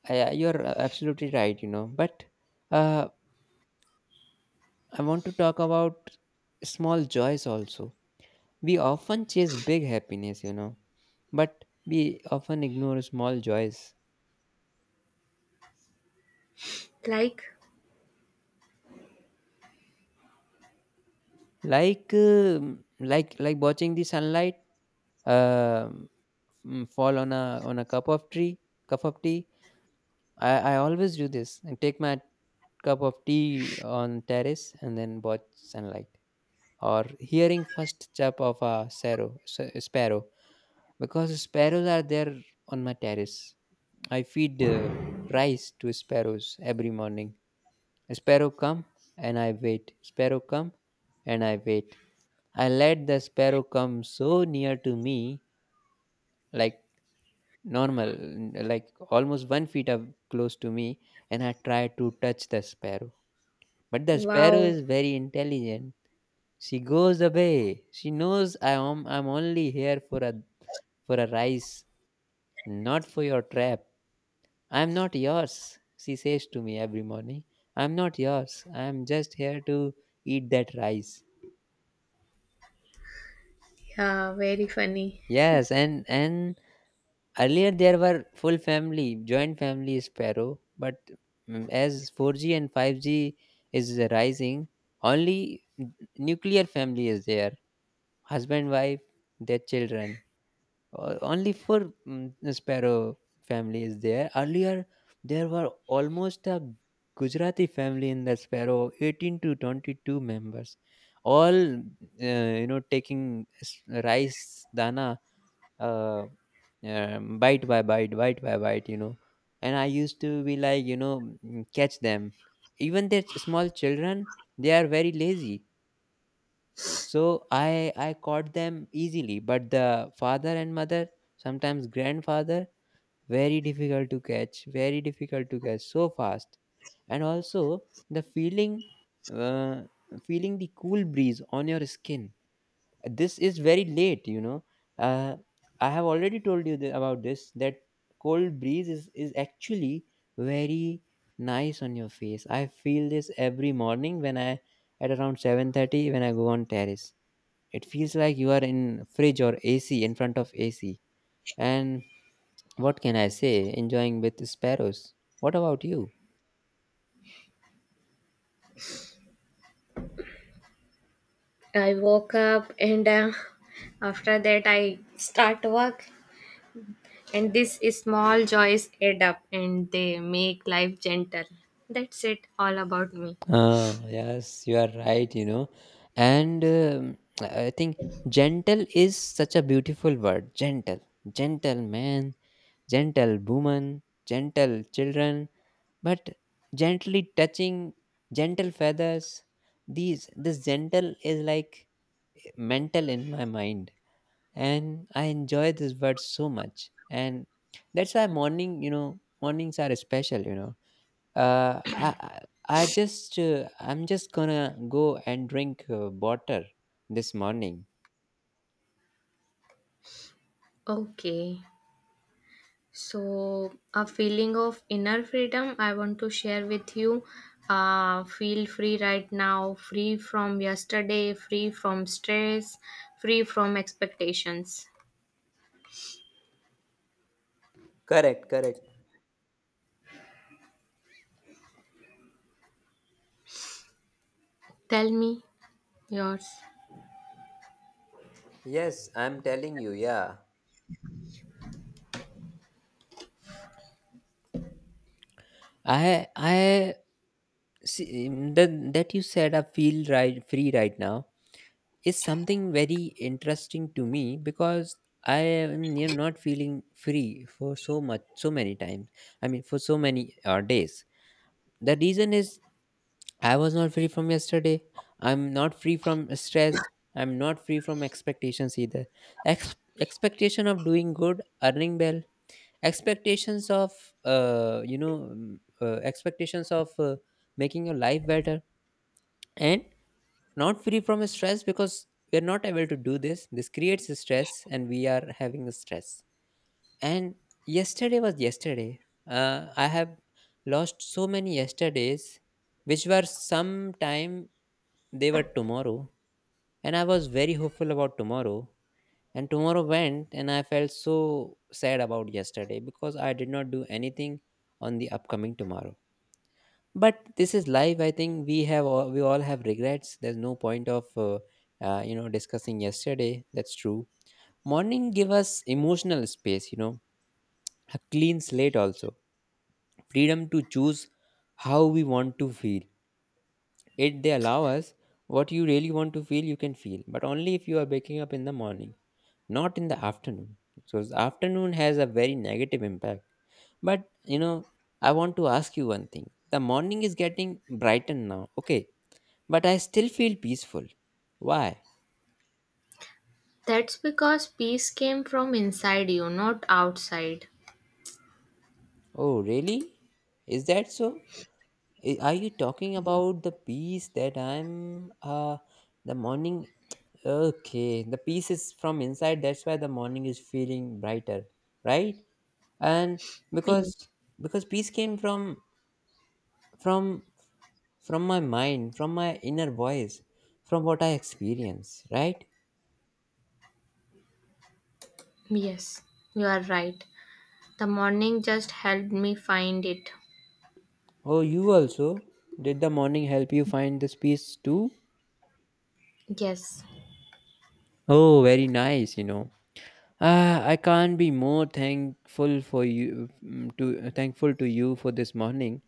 [SPEAKER 1] I, you're absolutely right, you know. But uh, I want to talk about small joys also. We often chase big happiness, you know, but we often ignore small joys,
[SPEAKER 2] Like,
[SPEAKER 1] like like watching the sunlight um, fall on a cup of tea, cup of tea. I always do this and take my cup of tea on terrace and then watch sunlight. Or hearing first chirp of a sparrow, because sparrows are there on my terrace. I feed rice to sparrows every morning. Sparrow come and I wait. Sparrow come and I wait. I let the sparrow come so near to me, like normal, like almost 1 foot up close to me, and I try to touch the sparrow. But the sparrow
[SPEAKER 2] wow,
[SPEAKER 1] is very intelligent, she goes away. She knows I'm only here for a, for a rise, not for your trap. I'm not yours, she says to me every morning. I'm not yours. I'm just here to eat that rice.
[SPEAKER 2] yeah, very funny.
[SPEAKER 1] Yes, and earlier there were full family, joint family sparrow, but as 4G and 5G is rising, only nuclear family is there. Husband, wife, their children. Only for sparrow family is there. Earlier there were almost a gujarati family in the sparrow, 18 to 22 members, all taking rice dana, uh, bite by bite, bite by bite, you know. And I used to be like, you know, catch them. Even their small children, they are very lazy, so I caught them easily. But the father and mother, sometimes grandfather, very difficult to catch, very difficult to catch so fast. And also the feeling, uh, feeling the cool breeze on your skin. This is very late, you know. Uh, I have already told you about this that cold breeze is actually very nice on your face. I feel this every morning when I at around 7:30 when I go on terrace, it feels like you are in fridge or ac, in front of ac. And what can I say, enjoying with sparrows. What about you?
[SPEAKER 2] I woke up and after that I start work, and these small joys add up and they make life gentle. That's it. All about me.
[SPEAKER 1] Ah, yes, you are right, you know. And I think gentle is such a beautiful word. Gentle, gentle man, gentle woman, gentle children, but gently touching, gentle feathers. These this gentle is like mental in my mind. And I enjoy this word so much. And that's why morning, mornings are special. You know, uh, I I I'm just gonna go and drink water this morning.
[SPEAKER 2] Okay. So, a feeling of inner freedom I want to share with you. Feel free right now, free from yesterday, free from stress, free from expectations.
[SPEAKER 1] Correct, correct.
[SPEAKER 2] Tell me yours.
[SPEAKER 1] Yes, I'm telling you, yeah. I see that you said "I feel right free right now" is something very interesting to me because I am, you know, not feeling free for so much, so many times. I mean, for so many days. The reason is I was not free from yesterday. I'm not free from stress. I'm not free from expectations either. Expectation of doing good, earning well, expectations of expectations of making your life better, and not free from stress because we're not able to do this. This creates stress and we are having stress. And yesterday was yesterday. I have lost so many yesterdays which were sometime, they were tomorrow, and I was very hopeful about tomorrow. And tomorrow went and I felt so sad about yesterday because I did not do anything on the upcoming tomorrow. But this is life. I think we all have regrets. There's no point of discussing yesterday. That's true. Morning give us emotional space, you know, a clean slate also, freedom to choose how we want to feel. It They allow us what you really want to feel, you can feel, but only if you are waking up in the morning, not in the afternoon. So the afternoon has a very negative impact. But you know, I want to ask you one thing, the morning is getting brightened now, okay? But I still feel peaceful. Why?
[SPEAKER 2] That's because peace came from inside you, not outside.
[SPEAKER 1] Oh, really? Is that so? Are you talking about the peace that I'm the morning? Okay, the peace is from inside, that's why the morning is feeling brighter, right? And
[SPEAKER 2] Ye-
[SPEAKER 1] because peace came from from my mind, from my inner voice, from what I experience, right?
[SPEAKER 2] Yes, you are right. The morning just helped me find it.
[SPEAKER 1] Oh, you also? Did the morning help you find this peace too?
[SPEAKER 2] Yes.
[SPEAKER 1] Oh, very nice, you know. Ah, I can't be more thankful for you, to thankful to you for this morning.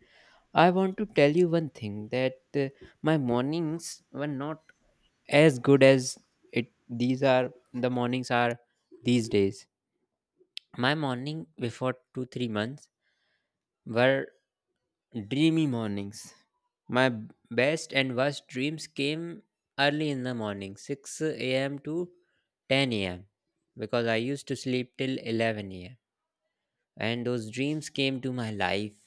[SPEAKER 1] I want to tell you one thing that my mornings were not as good as it these are the mornings are these days. My morning before 2 3 months were dreamy mornings. My best and worst dreams came early in the morning, 6 a.m. to 10 a.m., because I used to sleep till 11 a.m. And those dreams came to my life,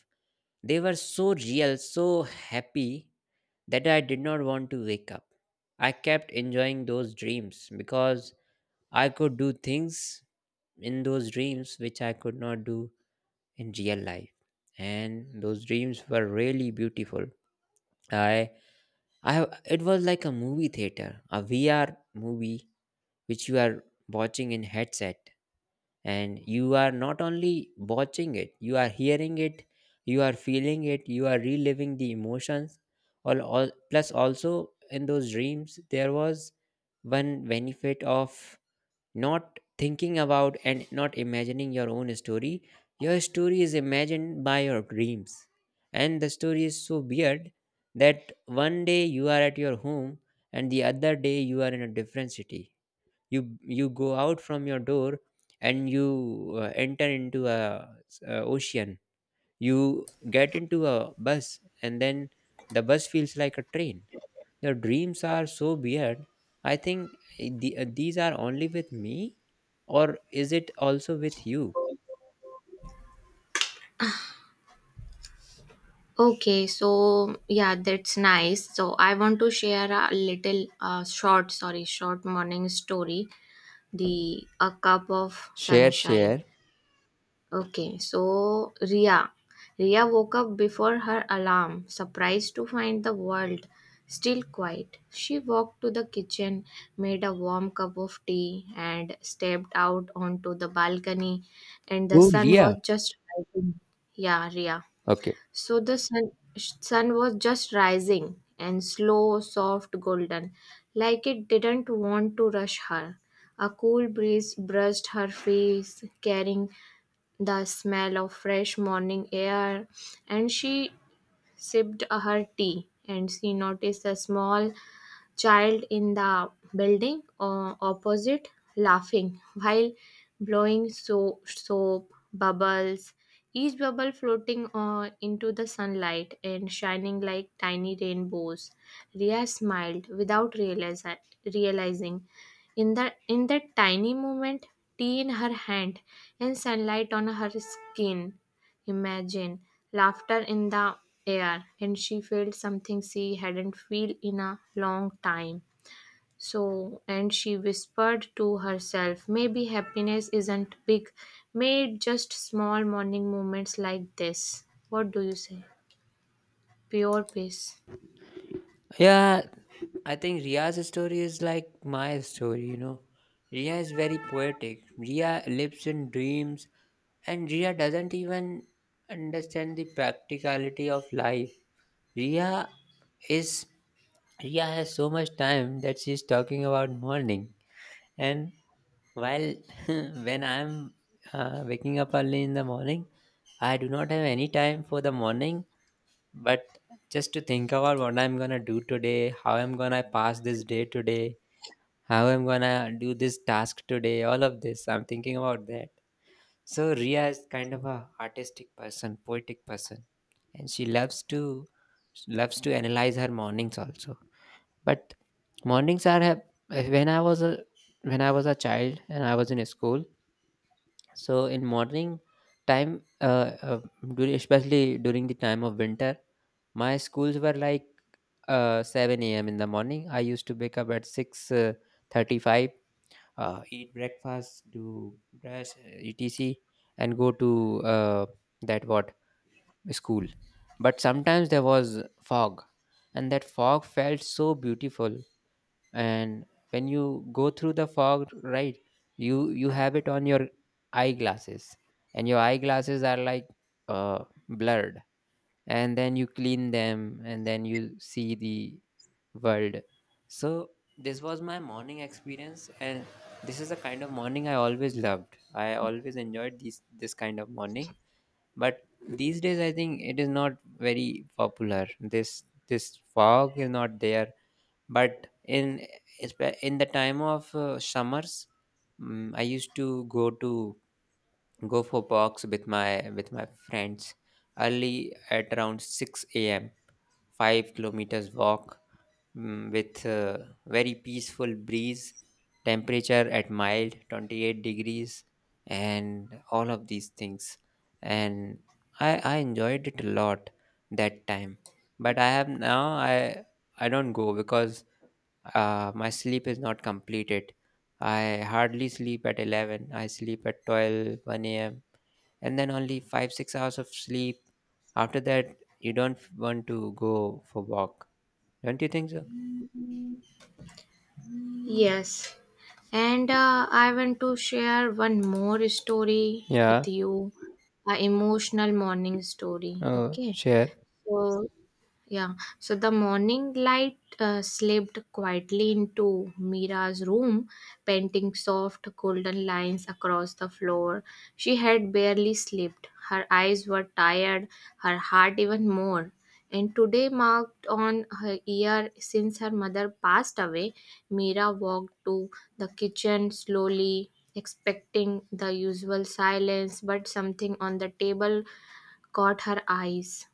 [SPEAKER 1] they were so real, so happy that I did not want to wake up. I kept enjoying those dreams because I could do things in those dreams which I could not do in real life. And those dreams were really beautiful. I, it was like a movie theater, a VR movie which you are watching in headset, and you are not only watching it, you are hearing it, you are feeling it, you are reliving the emotions. All plus also, in those dreams there was one benefit of not thinking about and not imagining your own story. Your story is imagined by your dreams, and the story is so weird that one day you are at your home and the other day you are in a different city. You go out from your door and you enter into a ocean. You get into a bus and then the bus feels like a train. Your dreams are so weird, I think. These are only with me, or is it also with you?
[SPEAKER 2] Okay, so yeah, that's nice. So I want to share a little short morning story, the A Cup of
[SPEAKER 1] Share,
[SPEAKER 2] Sunshine.
[SPEAKER 1] share.
[SPEAKER 2] Okay, so Ria. Ria woke up before her alarm, surprised to find the world still quiet. She walked to the kitchen, made a warm cup of tea, and stepped out onto the balcony, and the
[SPEAKER 1] Oh
[SPEAKER 2] sun was
[SPEAKER 1] yeah.
[SPEAKER 2] just rising. Yeah, Ria.
[SPEAKER 1] Okay.
[SPEAKER 2] So the sun was just rising, and slow, soft, golden, like it didn't want to rush her. A cool breeze brushed her face, carrying the smell of fresh morning air, and she sipped her tea and she noticed a small child in the building opposite, laughing while blowing soap bubbles, each bubble floating into the sunlight and shining like tiny rainbows. Ria smiled without realizing, in that tiny moment, tea in her hand and sunlight on her skin. Imagine laughter in the air, and she felt something she hadn't felt in a long time. So, and she whispered to herself, maybe happiness isn't big, made just small morning moments like this. What do you say? Pure peace.
[SPEAKER 1] Yeah, I think Ria's story is like my story, you know. Ria is very poetic. Ria lives in dreams, and Ria doesn't even understand the practicality of life. Ria is Ria has so much time that she's talking about morning. And while when I'm waking up early in the morning, I do not have any time for the morning, but just to think about what I'm gonna do today, how I'm gonna pass this day today, how I'm gonna do this task today, all of this. I'm thinking about that. So Ria is kind of a artistic person, poetic person, and she loves to analyze her mornings also. But mornings are have- when I was a child and I was in school. So in morning time, especially during the time of winter, my schools were like 7 a.m. in the morning. I used to wake up at 6:35, eat breakfast, do brush, etc., and go to that what school. But sometimes there was fog, and that fog felt so beautiful. And when you go through the fog, right, you have it on your eyeglasses, and your eyeglasses are like blurred, and then you clean them and then you see the world. So this was my morning experience, and this is the kind of morning I always loved. I always enjoyed these this kind of morning. But these days I think it is not very popular, this fog is not there. But in in the time of summers, I used to go for walks with my friends early at around 6 a.m, 5 kilometers walk, with a very peaceful breeze, temperature at mild 28 degrees, and all of these things. And I enjoyed it a lot that time. But I have now, I don't go because my sleep is not completed. I hardly sleep at 11, I sleep at twelve one a.m., and then only 5 6 hours of sleep. After that you don't want to go for walk. Don't you think so?
[SPEAKER 2] Yes. And I want to share one more story
[SPEAKER 1] Yeah.
[SPEAKER 2] with you, a emotional morning story.
[SPEAKER 1] Oh,
[SPEAKER 2] Okay.
[SPEAKER 1] share.
[SPEAKER 2] So, yeah, so the morning light slipped quietly into Mira's room, painting soft golden lines across the floor. She had barely slept. Her eyes were tired, her heart even more. And today marked on her year since her mother passed away. Mira walked to the kitchen slowly, expecting the usual silence, but something on the table caught her eyes.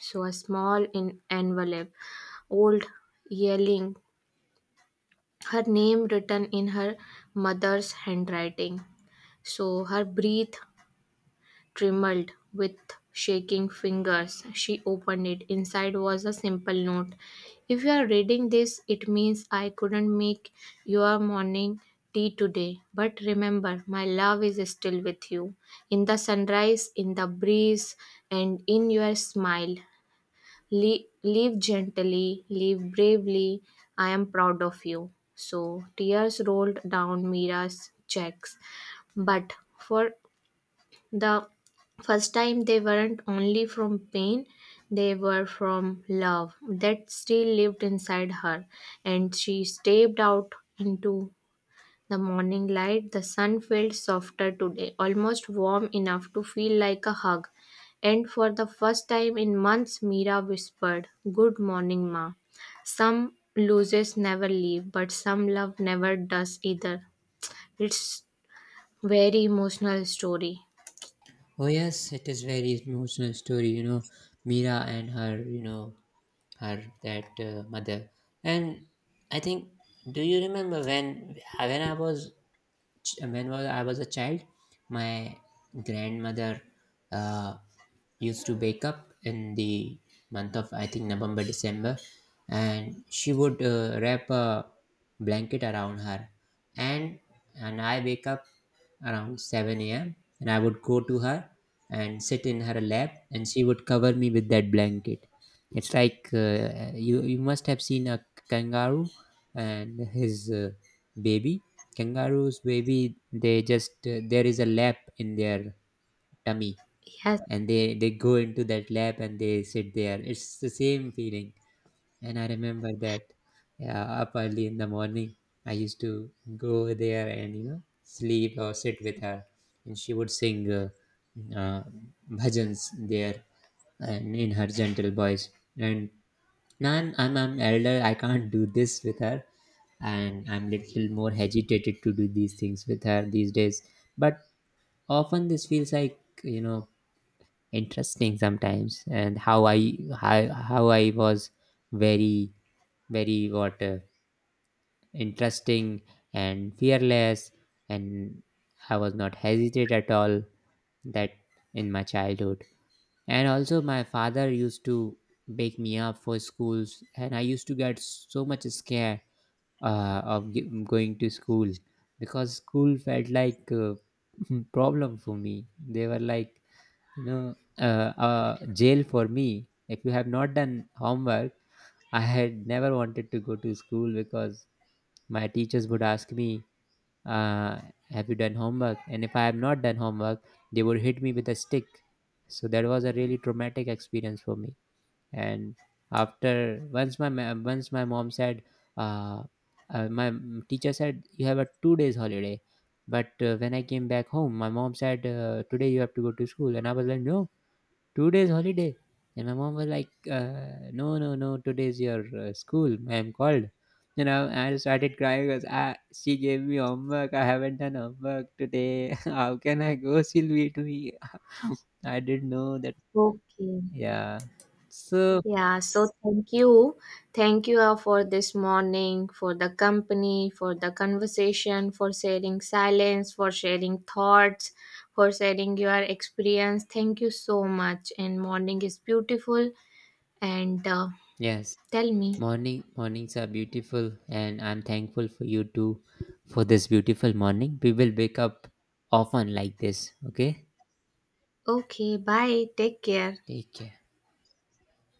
[SPEAKER 2] So a small in envelope, old, yelling, her name written in her mother's handwriting. So her breath trembled. With shaking fingers, she opened it. Inside was a simple note. If you are reading this, it means I couldn't make your morning tea today. But remember, my love is still with you. In the sunrise, in the breeze, and in your smile. Live gently, leave bravely. I am proud of you. So tears rolled down Mira's cheeks, but for the first time, they weren't only from pain, they were from love that still lived inside her, and she stepped out into the morning light. The sun felt softer today, almost warm enough to feel like a hug. And for the first time in months, Mira whispered, Good morning, Ma. Some losses never leave, but some love never does either. It's very emotional story.
[SPEAKER 1] Oh yes, it is very emotional story, you know, Mira and her, her that mother. And I think, do you remember when I was ch- when was I was a child, my grandmother uh, used to wake up in the month of, I think, November December, and she would wrap a blanket around her, and and I wake up around 7 a.m., and I would go to her and sit in her lap, and she would cover me with that blanket. It's like you must have seen a kangaroo and his baby. Kangaroos baby, they just there is a lap in their tummy,
[SPEAKER 2] Yes,
[SPEAKER 1] and they go into that lap and they sit there. It's the same feeling, and I remember that. Yeah, up early in the morning, I used to go there and you know sleep or sit with her, and she would sing uh, bhajans there and in her gentle voice. And now I'm elder, I can't do this with her, and I'm little more hesitated to do these things with her these days. But often this feels like, you know, interesting sometimes. And how I was very very what interesting and fearless, and I was not hesitate at all that in my childhood. And also my father used to wake me up for schools, and I used to get so much scared of going to school because school felt like a problem for me. They were like, you know, jail for me. If you have not done homework, I had never wanted to go to school because my teachers would ask me, uh, "Have you done homework?" And if I have not done homework, they would hit me with a stick. So that was a really traumatic experience for me. And after, once my mom said, uh, my teacher said, "You have a 2 days holiday." But when I came back home, my mom said, "Today you have to go to school," and I was like, "No, 2 days holiday," and my mom was like, "No no no, today's your school, I'm called." You know, I started crying because, ah, she gave me homework, I haven't done homework today. How can I go, she'll beat me. I didn't know that.
[SPEAKER 2] okay.
[SPEAKER 1] Yeah, so.
[SPEAKER 2] Yeah, so thank you. Thank you for this morning, for the company, for the conversation, for sharing silence, for sharing thoughts, for sharing your experience. Thank you so much. And morning is beautiful. And
[SPEAKER 1] Yes,
[SPEAKER 2] tell me.
[SPEAKER 1] mornings are beautiful, and I'm thankful for you too, for this beautiful morning. We will wake up often like this, okay?
[SPEAKER 2] Okay, bye. Take care.
[SPEAKER 1] Take care.